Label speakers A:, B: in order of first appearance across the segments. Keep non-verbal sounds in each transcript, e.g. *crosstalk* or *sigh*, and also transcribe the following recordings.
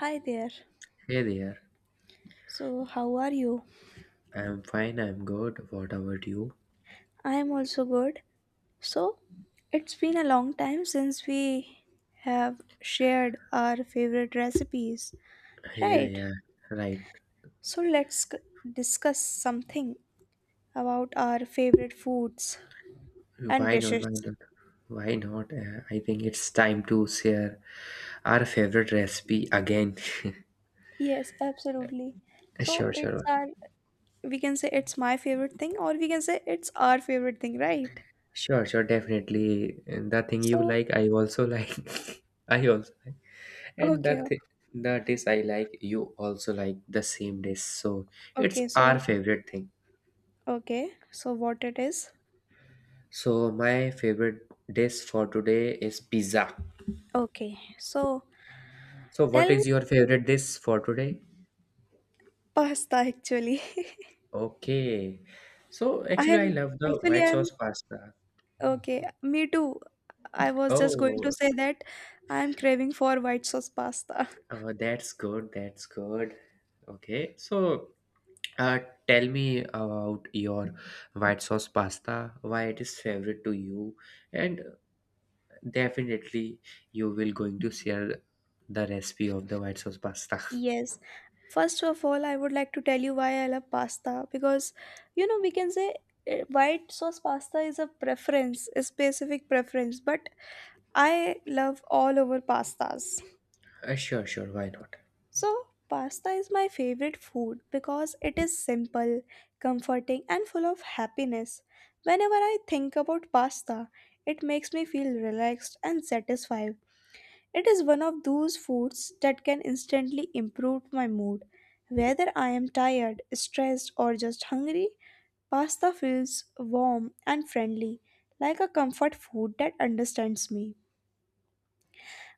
A: Hi there.
B: Hey there,
A: So, how are you?
B: I'm fine, I'm good. What about you?
A: I am also good. So, it's been a long time since we have shared our favorite recipes,
B: Yeah,
A: right?
B: yeah, right.
A: So, discuss something about our favorite foods and
B: Why not?
A: dishes.
B: Why not? Why not? I think it's time to share our favorite recipe again. *laughs*
A: Yes, absolutely. So,
B: Sure,
A: it's
B: sure,
A: our, we can say it's my favorite thing, or we can say it's our favorite thing, right?
B: sure, sure, definitely. And the thing you
A: So,
B: like, I also like. *laughs* I also like. And
A: okay,
B: the thi- the dish I like, you also like the same dish. So it's
A: okay,
B: our
A: so,
B: favorite thing.
A: okay, so what it is?
B: So my favorite dish for today is pizza.
A: Okay, so.
B: So what
A: Tell
B: is your favorite dish for today?
A: Pasta actually. *laughs*
B: Okay. So
A: I
B: actually, I
A: am
B: love the
A: actually
B: white
A: I'm
B: sauce pasta.
A: okay. Me too. I was just going to
B: Oh,
A: say that I am craving for white sauce pasta. *laughs*
B: that's good. That's good. Okay. So, uh, tell me about your white sauce pasta, why it is favorite to you, and definitely you will going to share the recipe of the white sauce pasta. *laughs*
A: Yes. First of all, I would like to tell you why I love pasta because you know we can say white sauce pasta is a preference, a specific preference, but I love all over pastas.
B: Sure, sure. Why not?
A: So, pasta is my favorite food because it is simple, comforting, and full of happiness. Whenever I think about pasta, it makes me feel relaxed and satisfied. It is one of those foods that can instantly improve my mood. Whether I am tired, stressed, or just hungry, pasta feels warm and friendly, like a comfort food that understands me.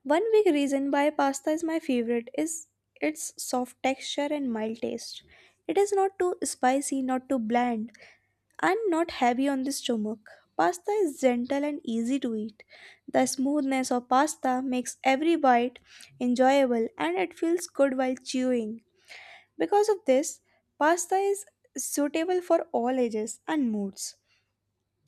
A: One big reason why pasta is my favorite is its soft texture and mild taste. It is not too spicy, not too bland, and not heavy on the stomach. Pasta is gentle and easy to eat. The smoothness of pasta makes every bite enjoyable and it feels good while chewing. Because of this, pasta is suitable for all ages and moods.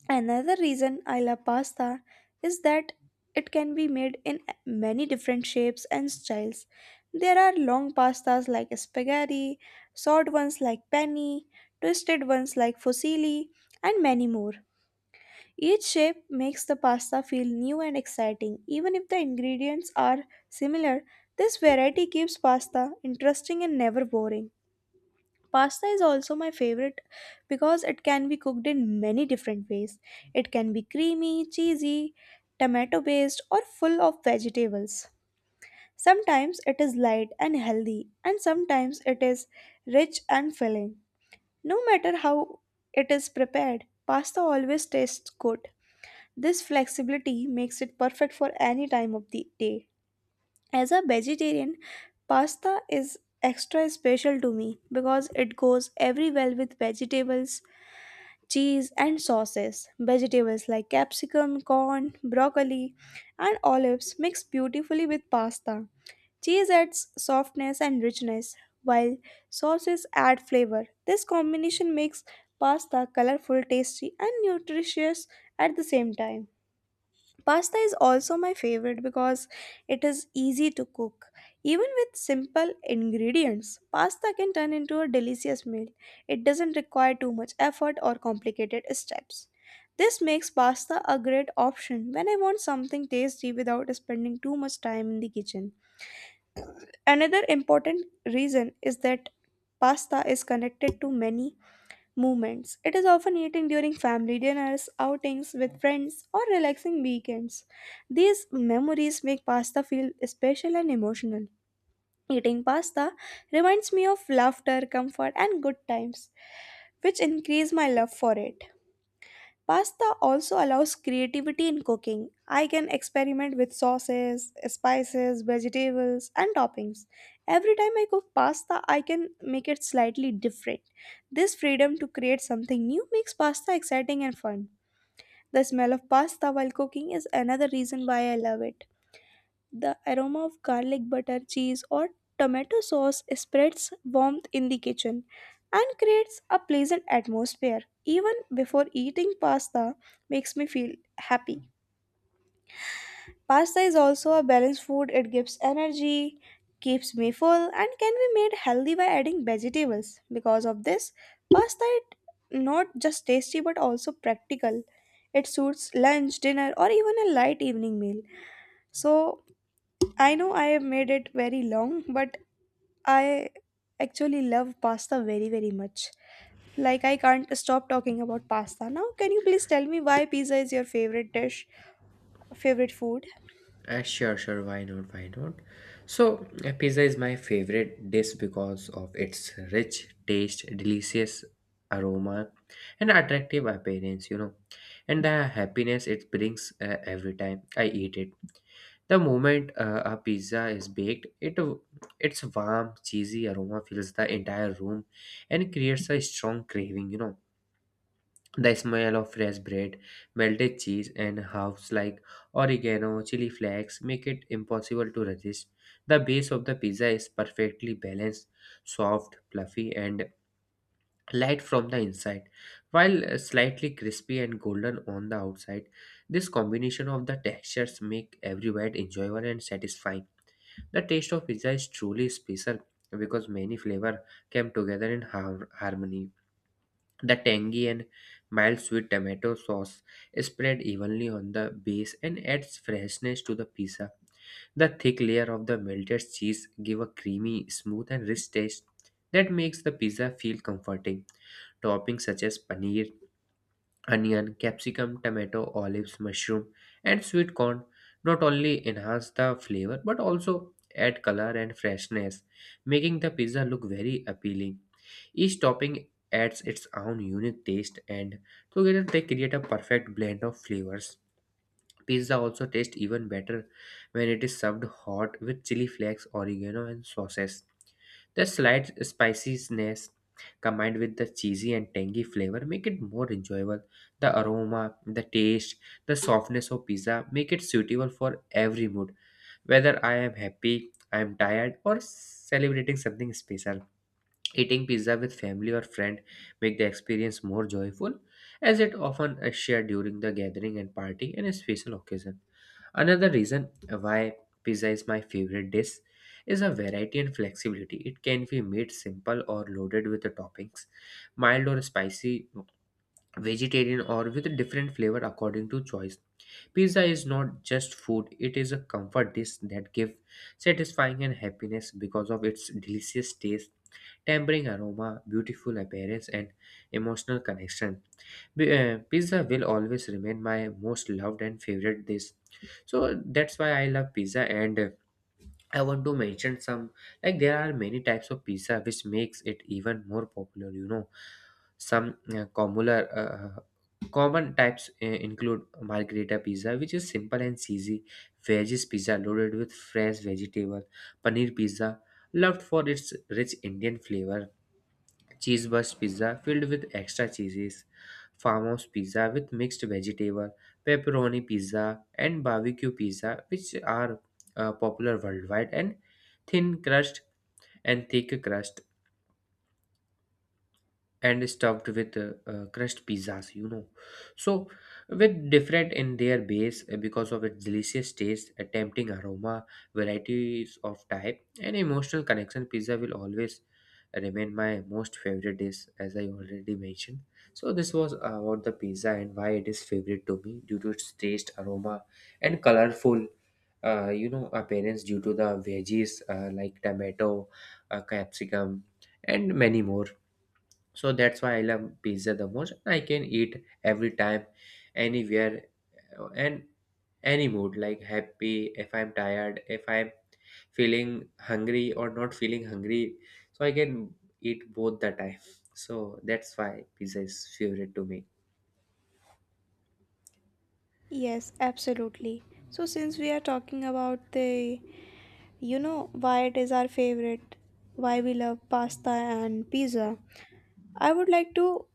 A: Another reason I love pasta is that it can be made in many different shapes and styles. There are long pastas like spaghetti, short ones like penne, twisted ones like fusilli, and many more. Each shape makes the pasta feel new and exciting. Even if the ingredients are similar, this variety keeps pasta interesting and never boring. Pasta is also my favorite because it can be cooked in many different ways. It can be creamy, cheesy, tomato based, or full of vegetables. Sometimes it is light and healthy, and sometimes it is rich and filling. No matter how it is prepared, pasta always tastes good. This flexibility makes it perfect for any time of the day. As a vegetarian, pasta is extra special to me because it goes every well with vegetables, cheese, and sauces. Vegetables like capsicum, corn, broccoli, and olives mix beautifully with pasta. Cheese adds softness and richness, while sauces add flavor. This combination makes pasta colorful, tasty, and nutritious at the same time. Pasta is also my favorite because it is easy to cook. Even with simple ingredients, pasta can turn into a delicious meal. It doesn't require too much effort or complicated steps. This makes pasta a great option when I want something tasty without spending too much time in the kitchen. Another important reason is that pasta is connected to many movements. It is often eaten during family dinners, outings with friends, or relaxing weekends. These memories make pasta feel special and emotional. Eating pasta reminds me of laughter, comfort, and good times, which increase my love for it. Pasta also allows creativity in cooking. I can experiment with sauces, spices, vegetables, and toppings. Every time I cook pasta, I can make it slightly different. This freedom to create something new makes pasta exciting and fun. The smell of pasta while cooking is another reason why I love it. The aroma of garlic butter, cheese, or tomato sauce spreads warmth in the kitchen and creates a pleasant atmosphere. Even before eating pasta, makes me feel happy. Pasta is also a balanced food, it gives energy, keeps me full, and can be made healthy by adding vegetables. Because of this, pasta is not just tasty but also practical. It suits lunch, dinner, or even a light evening meal. So, I know I have made it very long, but I actually love pasta very, very much. Like, I can't stop talking about pasta. Now, can you please tell me why pizza is your favorite dish, favorite food?
B: Sure, sure. Why not? Why not? So, pizza is my favorite dish because of its rich taste, delicious aroma, and attractive appearance, you know, and the happiness it brings every time I eat it. The moment a pizza is baked, it its warm, cheesy aroma fills the entire room and creates a strong craving, you know, the smell of fresh bread, melted cheese, and herbs like oregano, chili flakes make it impossible to resist. The base of the pizza is perfectly balanced, soft, fluffy, and light from the inside, while slightly crispy and golden on the outside. This combination of the textures make every bite enjoyable and satisfying. The taste of pizza is truly special because many flavors come together in harmony. The tangy and mild sweet tomato sauce is spread evenly on the base and adds freshness to the pizza. The thick layer of the melted cheese give a creamy, smooth and rich taste that makes the pizza feel comforting. Toppings such as paneer, onion, capsicum, tomato, olives, mushroom, and sweet corn not only enhance the flavor but also add color and freshness, making the pizza look very appealing. Each topping adds its own unique taste, and together they create a perfect blend of flavors. Pizza also tastes even better when it is served hot with chili flakes, oregano, and sauces. The slight spiciness combined with the cheesy and tangy flavor make it more enjoyable. The aroma, the taste, the softness of pizza make it suitable for every mood, whether I am happy, I am tired, or celebrating something special. Eating pizza with family or friend make the experience more joyful as it often is shared during the gathering and party and a special occasion. Another reason why pizza is my favorite dish is a variety and flexibility. It can be made simple or loaded with the toppings, mild or spicy, vegetarian or with different flavor according to choice. Pizza is not just food, it is a comfort dish that gives satisfying and happiness because of its delicious taste tempering aroma, beautiful appearance, and emotional connection. Pizza will always remain my most loved and favorite dish. So that's why I love pizza and I want to mention some, like, there are many types of pizza which makes it even more popular, you know. Some common types include margherita pizza which is simple and cheesy, veggies pizza loaded with fresh vegetable, paneer pizza loved for its rich Indian flavor, cheeseburst pizza filled with extra cheeses, farmhouse pizza with mixed vegetable, pepperoni pizza, and barbecue pizza, which are popular worldwide, and thin crust and thick crust and stuffed with crushed pizzas, you know. So with different in their base, because of its delicious taste, a tempting aroma, varieties of type, and emotional connection, pizza will always remain my most favorite dish as I already mentioned. So this was about the pizza and why it is favorite to me due to its taste, aroma, and colorful, you know, appearance due to the veggies, like tomato, capsicum, and many more. So that's why I love pizza the most. I can eat every time, anywhere, and any mood, like happy, if I'm tired, if I'm feeling hungry or not feeling hungry, so I can eat both the time. So that's why pizza is favorite to me.
A: Yes, absolutely. So, since we are talking about the, you know, why it is our favorite, why we love pasta and pizza, I would like to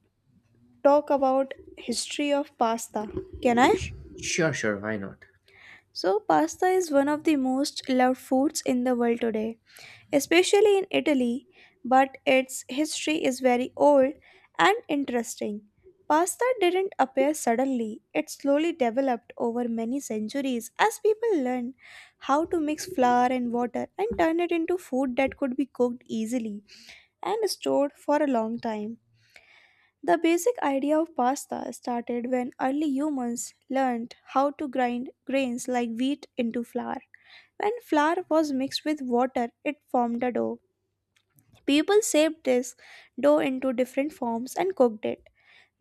A: talk about history of pasta. Can I?
B: Sure, sure, why not?
A: So, pasta is one of the most loved foods in the world today, especially in Italy, but its history is very old and interesting. Pasta didn't appear suddenly, it slowly developed over many centuries as people learned how to mix flour and water and turn it into food that could be cooked easily and stored for a long time. The basic idea of pasta started when early humans learned how to grind grains like wheat into flour. When flour was mixed with water, it formed a dough. People shaped this dough into different forms and cooked it.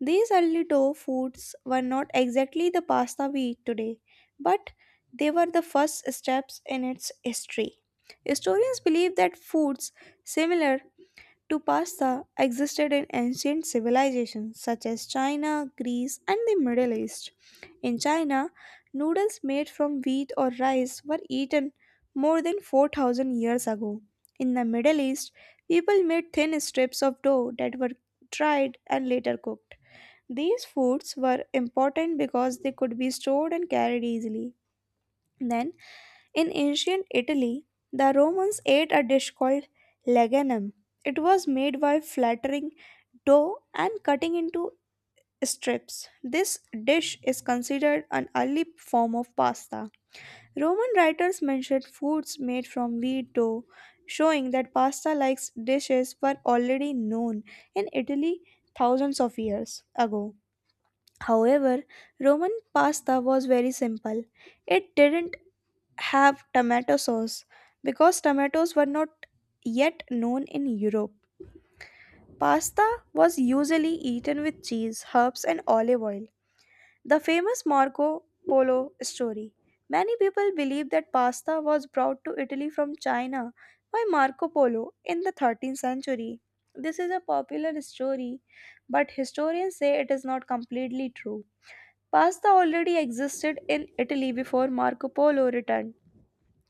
A: These early dough foods were not exactly the pasta we eat today, but they were the first steps in its history. Historians believe that foods similar to pasta existed in ancient civilizations such as China, Greece, and the Middle East. In China, noodles made from wheat or rice were eaten more than 4,000 years ago. In the Middle East, people made thin strips of dough that were dried and later cooked. These foods were important because they could be stored and carried easily. Then, in ancient Italy, the Romans ate a dish called leganum. It was made by flattering dough and cutting into strips. This dish is considered an early form of pasta. Roman writers mentioned foods made from wheat dough, showing that pasta like dishes were already known in Italy thousands of years ago. However, Roman pasta was very simple. It didn't have tomato sauce because tomatoes were not yet known in Europe. Pasta was usually eaten with cheese, herbs, and olive oil. The famous Marco Polo story. Many people believe that pasta was brought to Italy from China by Marco Polo in the 13th century. This is a popular story, but historians say it is not completely true. Pasta already existed in Italy before Marco Polo returned.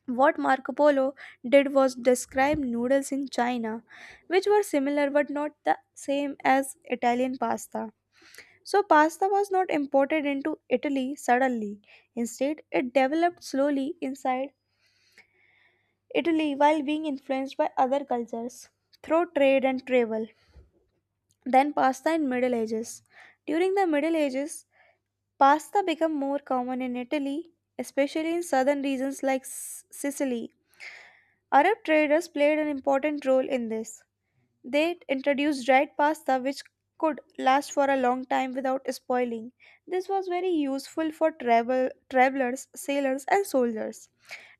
A: What Marco Polo did was describe noodles in China, which were similar but not the same as Italian pasta. So, pasta was not imported into Italy suddenly. Instead, it developed slowly inside Italy while being influenced by other cultures through trade and travel. Then, pasta in Middle Ages. During the Middle Ages, pasta became more common in Italy, especially in southern regions like Sicily. Arab traders played an important role in this. They introduced dried pasta which could last for a long time without spoiling. This was very useful for travelers, sailors and soldiers.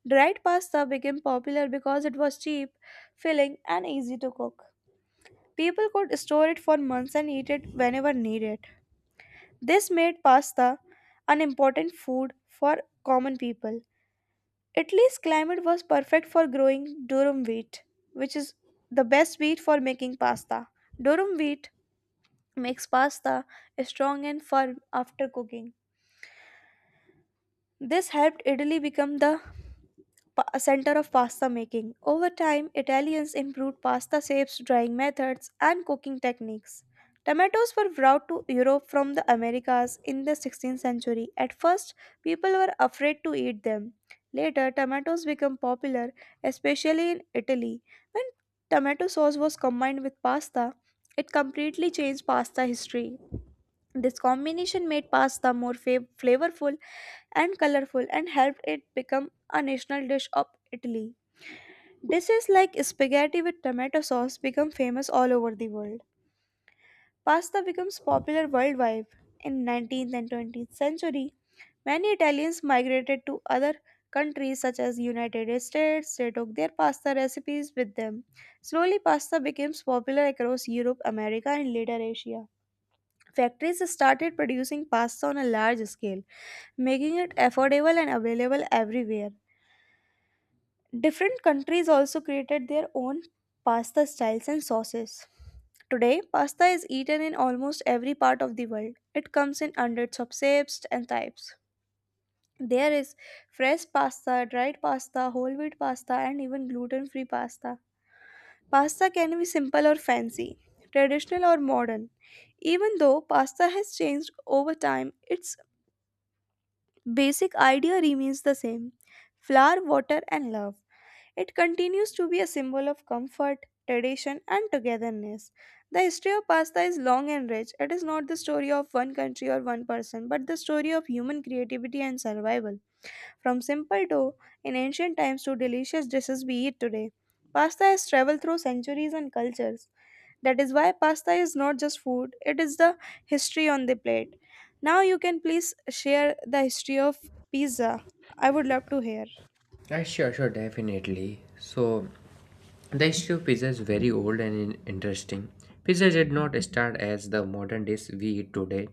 A: Dried pasta became popular because it was cheap, filling and easy to cook. People could store it for months and eat it whenever needed. This made pasta an important food for common people. Italy's climate was perfect for growing durum wheat, which is the best wheat for making pasta. Durum wheat makes pasta strong and firm after cooking. This helped Italy become the center of pasta making. Over time, Italians improved pasta shapes, drying methods, and cooking techniques. Tomatoes were brought to Europe from the Americas in the 16th century. At first, people were afraid to eat them. Later, tomatoes became popular, especially in Italy. When tomato sauce was combined with pasta, it completely changed pasta history. This combination made pasta more flavorful and colorful and helped it become a national dish of Italy. Dishes like spaghetti with tomato sauce become famous all over the world. Pasta becomes popular worldwide. In 19th and 20th century, many Italians migrated to other countries such as United States. They took their pasta recipes with them. Slowly, pasta became popular across Europe, America, and later Asia. Factories started producing pasta on a large scale, making it affordable and available everywhere. Different countries also created their own pasta styles and sauces. Today, pasta is eaten in almost every part of the world. It comes in hundreds of shapes and types. There is fresh pasta, dried pasta, whole wheat pasta, and even gluten free pasta. Pasta can be simple or fancy, traditional or modern. Even though pasta has changed over time, its basic idea remains the same flour, water, and love. It continues to be a symbol of comfort, tradition, and togetherness. The history of pasta is long and rich. It is not the story of one country or one person, but the story of human creativity and survival. From simple dough in ancient times to delicious dishes we eat today, pasta has traveled through centuries and cultures. That is why pasta is not just food, it is the history on the plate. Now you can please share the history of pizza. I would love to hear.
B: Yeah, sure, sure, definitely. So, the history of pizza is very old and interesting. Pizza did not start as the modern dish we eat today,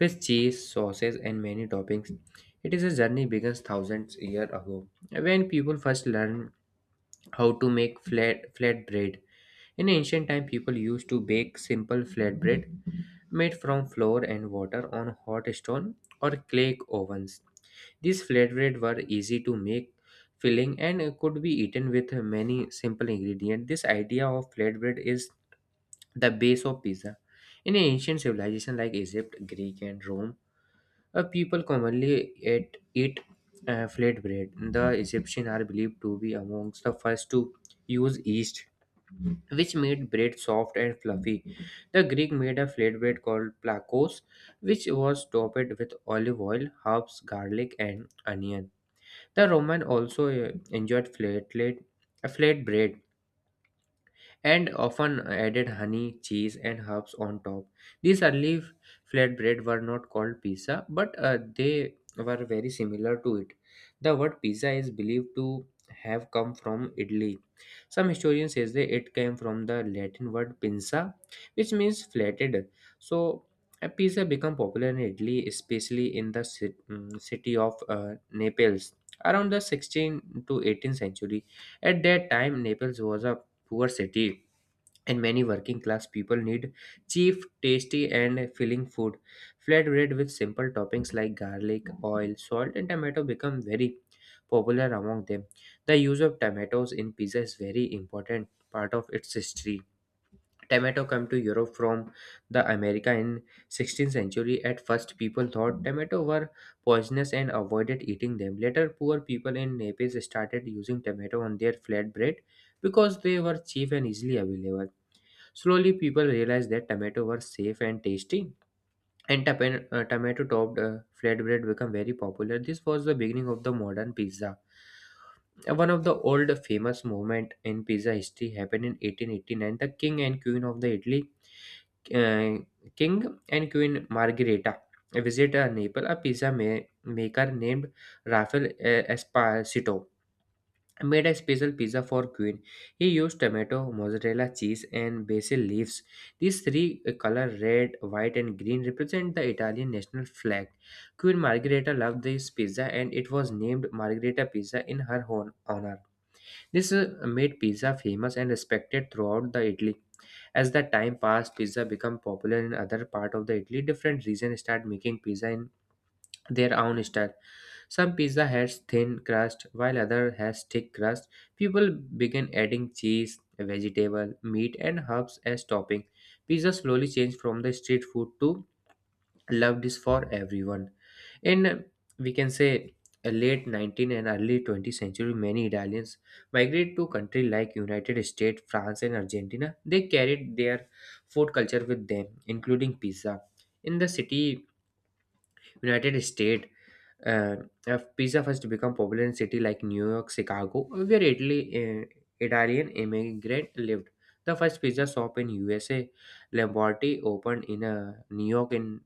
B: with cheese, sauces, and many toppings. It is a journey begins thousands years ago when people first learned how to make flat bread. In ancient time, people used to bake simple flatbread made from flour and water on hot stone or clay ovens. These flatbread were easy to make, filling, and could be eaten with many simple ingredients. This idea of flatbread is the base of pizza. In ancient civilizations like Egypt, Greek, and Rome, people commonly eat flatbread. The Egyptians are believed to be amongst the first to use yeast, which made bread soft and fluffy. The Greek made a flatbread called plakos, which was topped with olive oil, herbs, garlic, and onion. The Roman also enjoyed flatlet, a flatbread, and often added honey, cheese, and herbs on top. These flatbread were not called pizza, but they were very similar to it. The word pizza is believed to have come from Italy. Some historians say that it came from the Latin word pinza, which means flatted. So, a pizza became popular in Italy, especially in the city of Naples around the 16th to 18th century. At that time, Naples was a poor city and many working class people need cheap, tasty, and filling food. Flatbread with simple toppings like garlic, oil, salt, and tomato become very popular among them. The use of tomatoes in pizza is very important part of its history. Tomato come to Europe from the America in 16th century. At first, people thought tomato were poisonous and avoided eating them. Later, poor people in Naples started using tomato on their flatbread because they were cheap and easily available. Slowly, people realized that tomato were safe and tasty, and tomato-topped flatbread became very popular. This was the beginning of the modern pizza. One of the old famous movement in pizza history happened in 1889. The king and queen of the Italy, uh, King and Queen Margherita, visited Naples. A maker named Rafael Esposito made a special pizza for queen. He used tomato, mozzarella cheese, and basil leaves. These three colors, red, white, and green, represent the Italian national flag. Queen Margherita loved this pizza and it was named Margherita Pizza in her honor. This made pizza famous and respected throughout the Italy. As the time passed, pizza became popular in other part of the Italy. Different regions start making pizza in their own style. Some pizza has thin crust, while other has thick crust. People began adding cheese, vegetable, meat, and herbs as topping. Pizza slowly changed from the street food to loved dish for everyone. In We can say late 19th and early 20th century, many Italians migrated to countries like United States, France, and Argentina. They carried their food culture with them, including pizza. In the city United States, uh, of pizza first become popular in cities like New York, Chicago, where Italian immigrant lived. The first pizza shop in USA, Lombardi, opened in New York in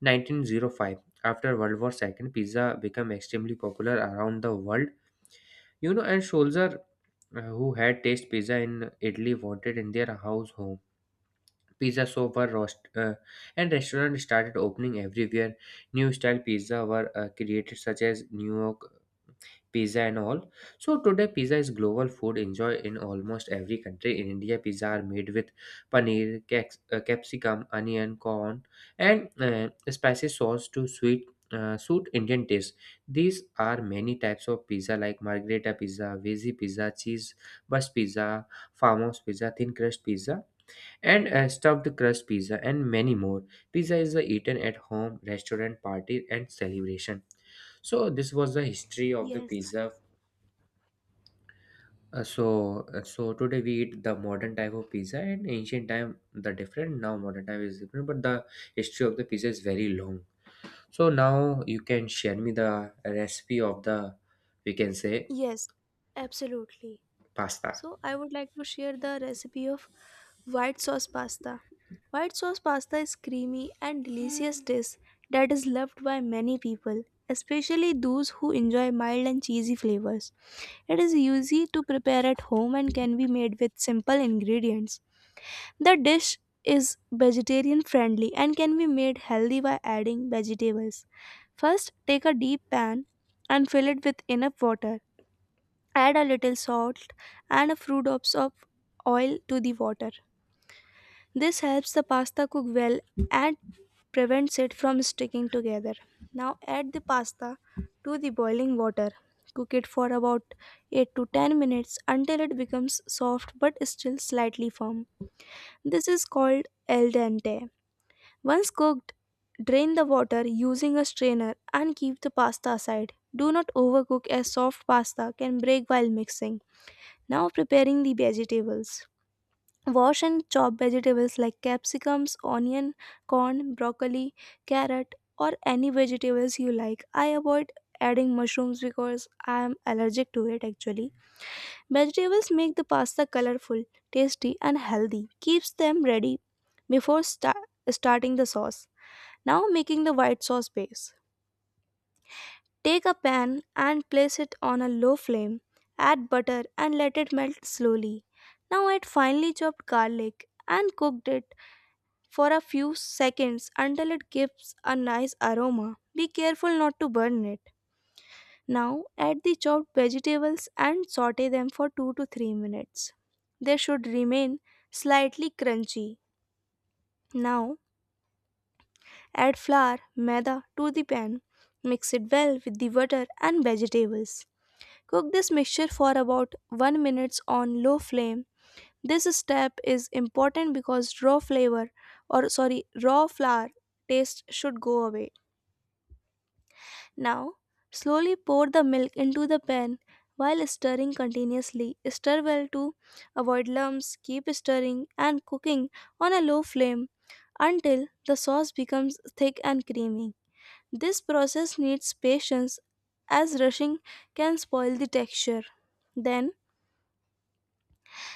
B: 1905. After World War II, pizza became extremely popular around the world. You know, and soldier who had taste pizza in Italy wanted in their house home. Pizza so were roast, and restaurants started opening everywhere. New style pizza were created, such as New York pizza and all. So today, pizza is global food enjoyed in almost every country. In India, pizza are made with paneer, capsicum, onion, corn, and spicy sauce to sweet. Suit Indian taste. These are many types of pizza like margherita pizza, veggie pizza, cheese bus pizza, farmhouse pizza, thin crust pizza, and stuffed crust pizza, and many more. Pizza is eaten at home, restaurant, party, and celebration. So this was the history of the
A: Yes,
B: pizza. Uh, so so today we eat the modern type of pizza and ancient time the different, now modern time is different, but the history of the pizza is very long. So now you can share me the recipe of the, we can say,
A: yes, absolutely.
B: pasta.
A: So, I would like to share the recipe of white sauce pasta. White sauce pasta is creamy and delicious dish that is loved by many people, especially those who enjoy mild and cheesy flavors. It is easy to prepare at home and can be made with simple ingredients. The dish is vegetarian friendly and can be made healthy by adding vegetables. First, take a deep pan and fill it with enough water. Add a little salt and a few drops of oil to the water. This helps the pasta cook well and prevents it from sticking together. Now add the pasta to the boiling water. Cook it for about 8 to 10 minutes until it becomes soft but still slightly firm. This is called al dente. Once cooked, drain the water using a strainer and keep the pasta aside. Do not overcook as soft pasta can break while mixing. Now preparing the vegetables. Wash and chop vegetables like capsicums, onion, corn, broccoli, carrot, or any vegetables you like. I avoid adding mushrooms because I am allergic to it actually. Vegetables make the pasta colorful, tasty, and healthy. Keeps them ready before starting the sauce. Now making the white sauce base. Take a pan and place it on a low flame. Add butter and let it melt slowly. Now add finely chopped garlic and cook it for a few seconds until it gives a nice aroma. Be careful not to burn it. Now add the chopped vegetables and saute them for 2 to 3 minutes. They should remain slightly crunchy. Now add flour, maida to the pan. Mix it well with the water and vegetables. Cook this mixture for about 1 minute on low flame. This step is important because raw flavor or sorry, raw flour taste should go away. Now, slowly pour the milk into the pan while stirring continuously. Stir well to avoid lumps. Keep stirring and cooking on a low flame until the sauce becomes thick and creamy. This process needs patience as rushing can spoil the texture. Then,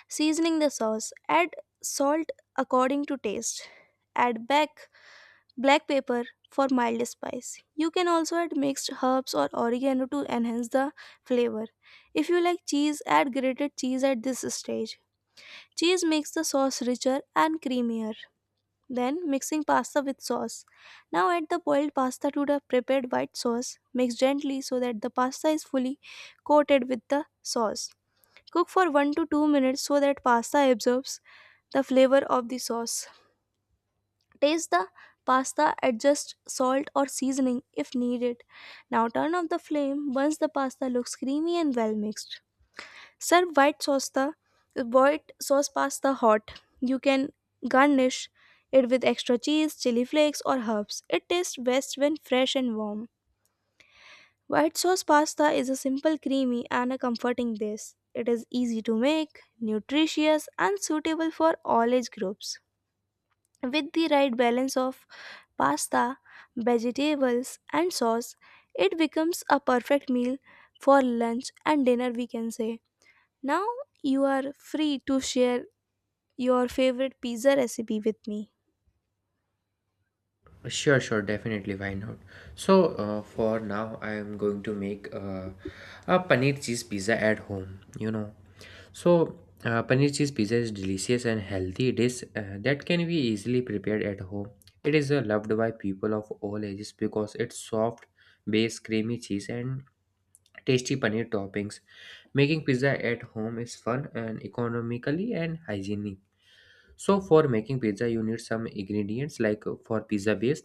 A: seasoning the sauce, add salt according to taste. Add back black pepper for mild spice. You can also add mixed herbs or oregano to enhance the flavor. If you like cheese, add grated cheese at this stage. Cheese makes the sauce richer and creamier. Then mixing pasta with sauce. Now add the boiled pasta to the prepared white sauce. Mix gently so that the pasta is fully coated with the sauce. Cook for 1 to 2 minutes so that pasta absorbs the flavor of the sauce. Taste the pasta, adjust salt or seasoning if needed. Now turn off the flame once the pasta looks creamy and well mixed. Serve white sauce the white sauce pasta hot. You can garnish it with extra cheese, chili flakes, or herbs. It tastes best when fresh and warm. White sauce pasta is a simple, creamy, and a comforting dish. It is easy to make, nutritious, and suitable for all age groups. With the right balance of pasta, vegetables, and sauce, it becomes a perfect meal for lunch and dinner, we can say. Now you are free to share your favorite pizza recipe with me.
B: Sure, sure, definitely, why not? So, for now, I am going to make a paneer cheese pizza at home, you know. So, paneer cheese pizza is delicious and healthy dish that can be easily prepared at home. It is loved by people of all ages because its soft base, creamy cheese, and tasty paneer toppings. Making pizza at home is fun and economically and hygienic. So, for making pizza, you need some ingredients like for pizza base.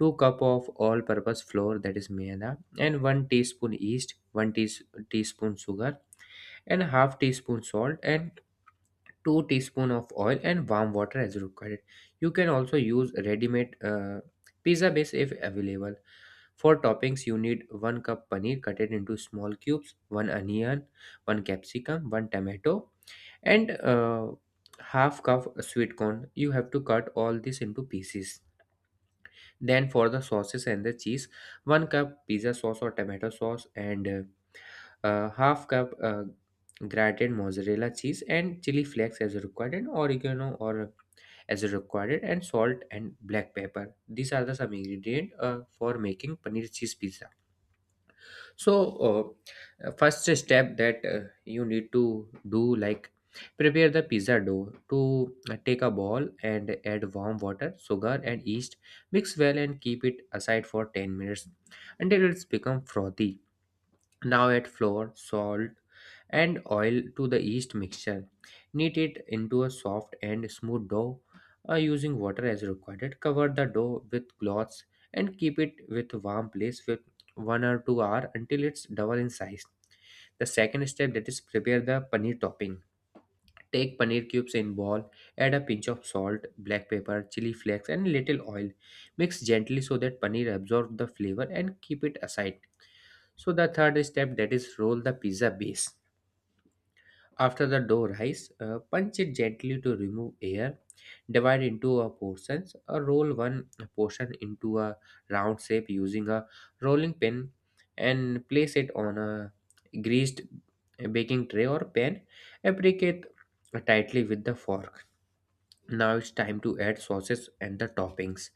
B: 2 cup of all purpose flour, that is maida, and 1 teaspoon yeast, 1 teas- teaspoon sugar, and half teaspoon salt, and 2 teaspoon of oil, and warm water as required. You can also use ready-made pizza base if available. For toppings you need 1 cup paneer, cut it into small cubes, 1 onion, 1 capsicum, 1 tomato, and half cup sweet corn. You have to cut all this into pieces. Then for the sauces and the cheese, one cup pizza sauce or tomato sauce, and half cup grated mozzarella cheese, and chili flakes as required, and oregano or as required, and salt and black pepper. These are the some ingredient for making paneer cheese pizza. So, first step that you need to do, like prepare the pizza dough. To take a ball and add warm water, sugar, and yeast. Mix well and keep it aside for 10 minutes until it's become frothy. Now add flour, salt, and oil to the yeast mixture. Knead it into a soft and smooth dough using water as required. Cover the dough with cloths and keep it with warm place for 1 or 2 hour until it's double in size. The second step, that is prepare the paneer topping. Take paneer cubes in bowl, add a pinch of salt, black pepper, chili flakes, and little oil. Mix gently so that paneer absorbs the flavor, and keep it aside. So the third step, that is roll the pizza base. After the dough rise, punch it gently to remove air. Divide into a portions or roll one portion into a round shape using a rolling pin, and place it on a greased baking tray or pan. Apricate tightly with the fork. Now it's time to add sauces and the toppings.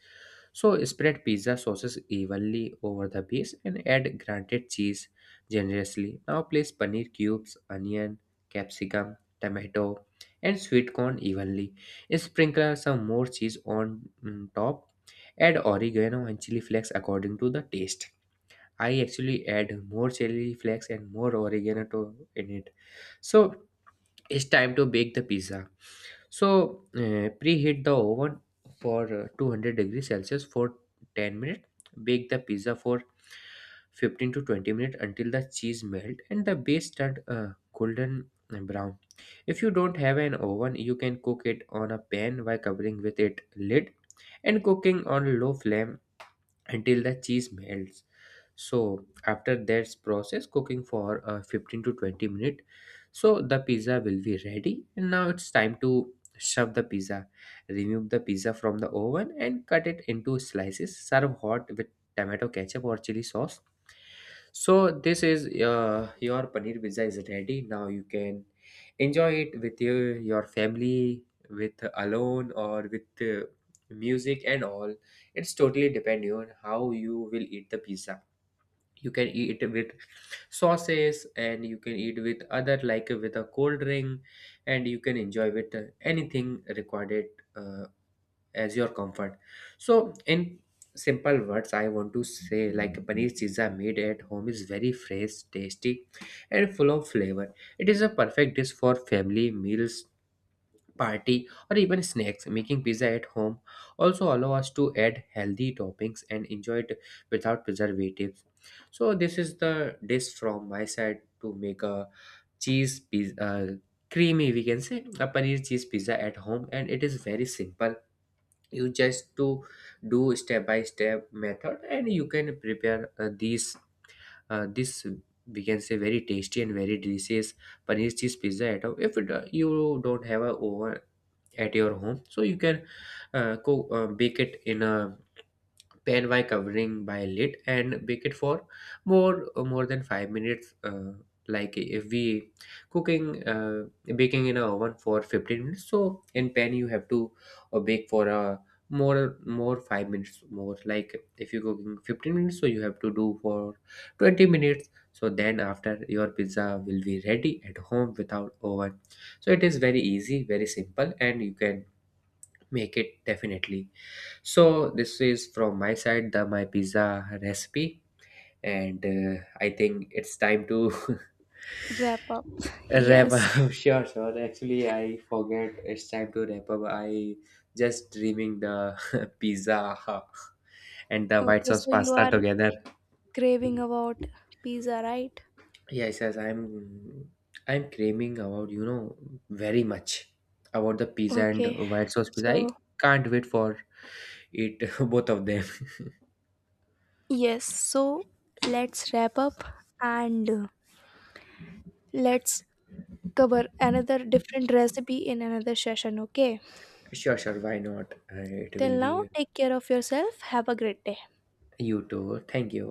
B: So spread pizza sauces evenly over the base, and add grated cheese generously. Now place paneer cubes, onion, capsicum, tomato, and sweet corn evenly. Sprinkle some more cheese on top. Add oregano and chili flakes according to the taste. I actually add more chili flakes and more oregano to in it. So it's time to bake the pizza. So preheat the oven for 200 degrees celsius for 10 minutes. Bake the pizza for 15 to 20 minutes until the cheese melt and the base turn golden brown. If you don't have an oven, you can cook it on a pan by covering with it lid and cooking on low flame until the cheese melts. So after that process, cooking for 15 to 20 minutes, so the pizza will be ready, and now it's time to shove the pizza. Remove the pizza from the oven and cut it into slices. Serve hot with tomato ketchup or chili sauce. So this is, your paneer pizza is ready. Now you can enjoy it with your family, with alone, or with uh, music and all. It's totally depending on how you will eat the pizza. You can eat it with sauces, and you can eat with other, like with a cold drink, and you can enjoy with anything required uh, as your comfort. So in simple words, I want to say, like paneer pizza made at home is very fresh, tasty, and full of flavor. It is a perfect dish for family meals, party, or even snacks. Making pizza at home also allow us to add healthy toppings and enjoy it without preservatives. So this is the dish from my side, to make a cheese pizza, creamy, we can say a paneer cheese pizza at home, and it is very simple. You just to do step by step method, and you can prepare these this, we can say, very tasty and very delicious paneer cheese pizza at home. If it, you don't have a oven at your home, so you can bake it in a pan by covering by lid, and bake it for more than 5 minutes like if we cooking, baking in a oven for 15 minutes, so in pan you have to bake for a more 5 minutes more, like if you cooking 15 minutes, so you have to do for 20 minutes. So then after, your pizza will be ready at home without oven. So it is very easy, very simple, and you can make it definitely. So this is from my side, the my pizza recipe, and I think it's time to *laughs*
A: Wrap up. *laughs*
B: wrap
A: Yes.
B: up. *laughs* Sure, sure. Actually, I forget it's time to wrap up. I just dreaming the *laughs* pizza and the white
A: Okay,
B: sauce
A: so you
B: pasta
A: are
B: together.
A: craving about pizza, right?
B: Yes, yes. I'm craving about you know very much about the pizza and
A: Okay.
B: white sauce pizza. I
A: So,
B: can't wait for it *laughs* both of them.
A: yes. So, let's wrap up and let's cover another different recipe in another session, okay?
B: Sure, sure. Why not? It
A: Till
B: will
A: now,
B: be
A: take care of yourself. Have a great day.
B: you too. Thank you.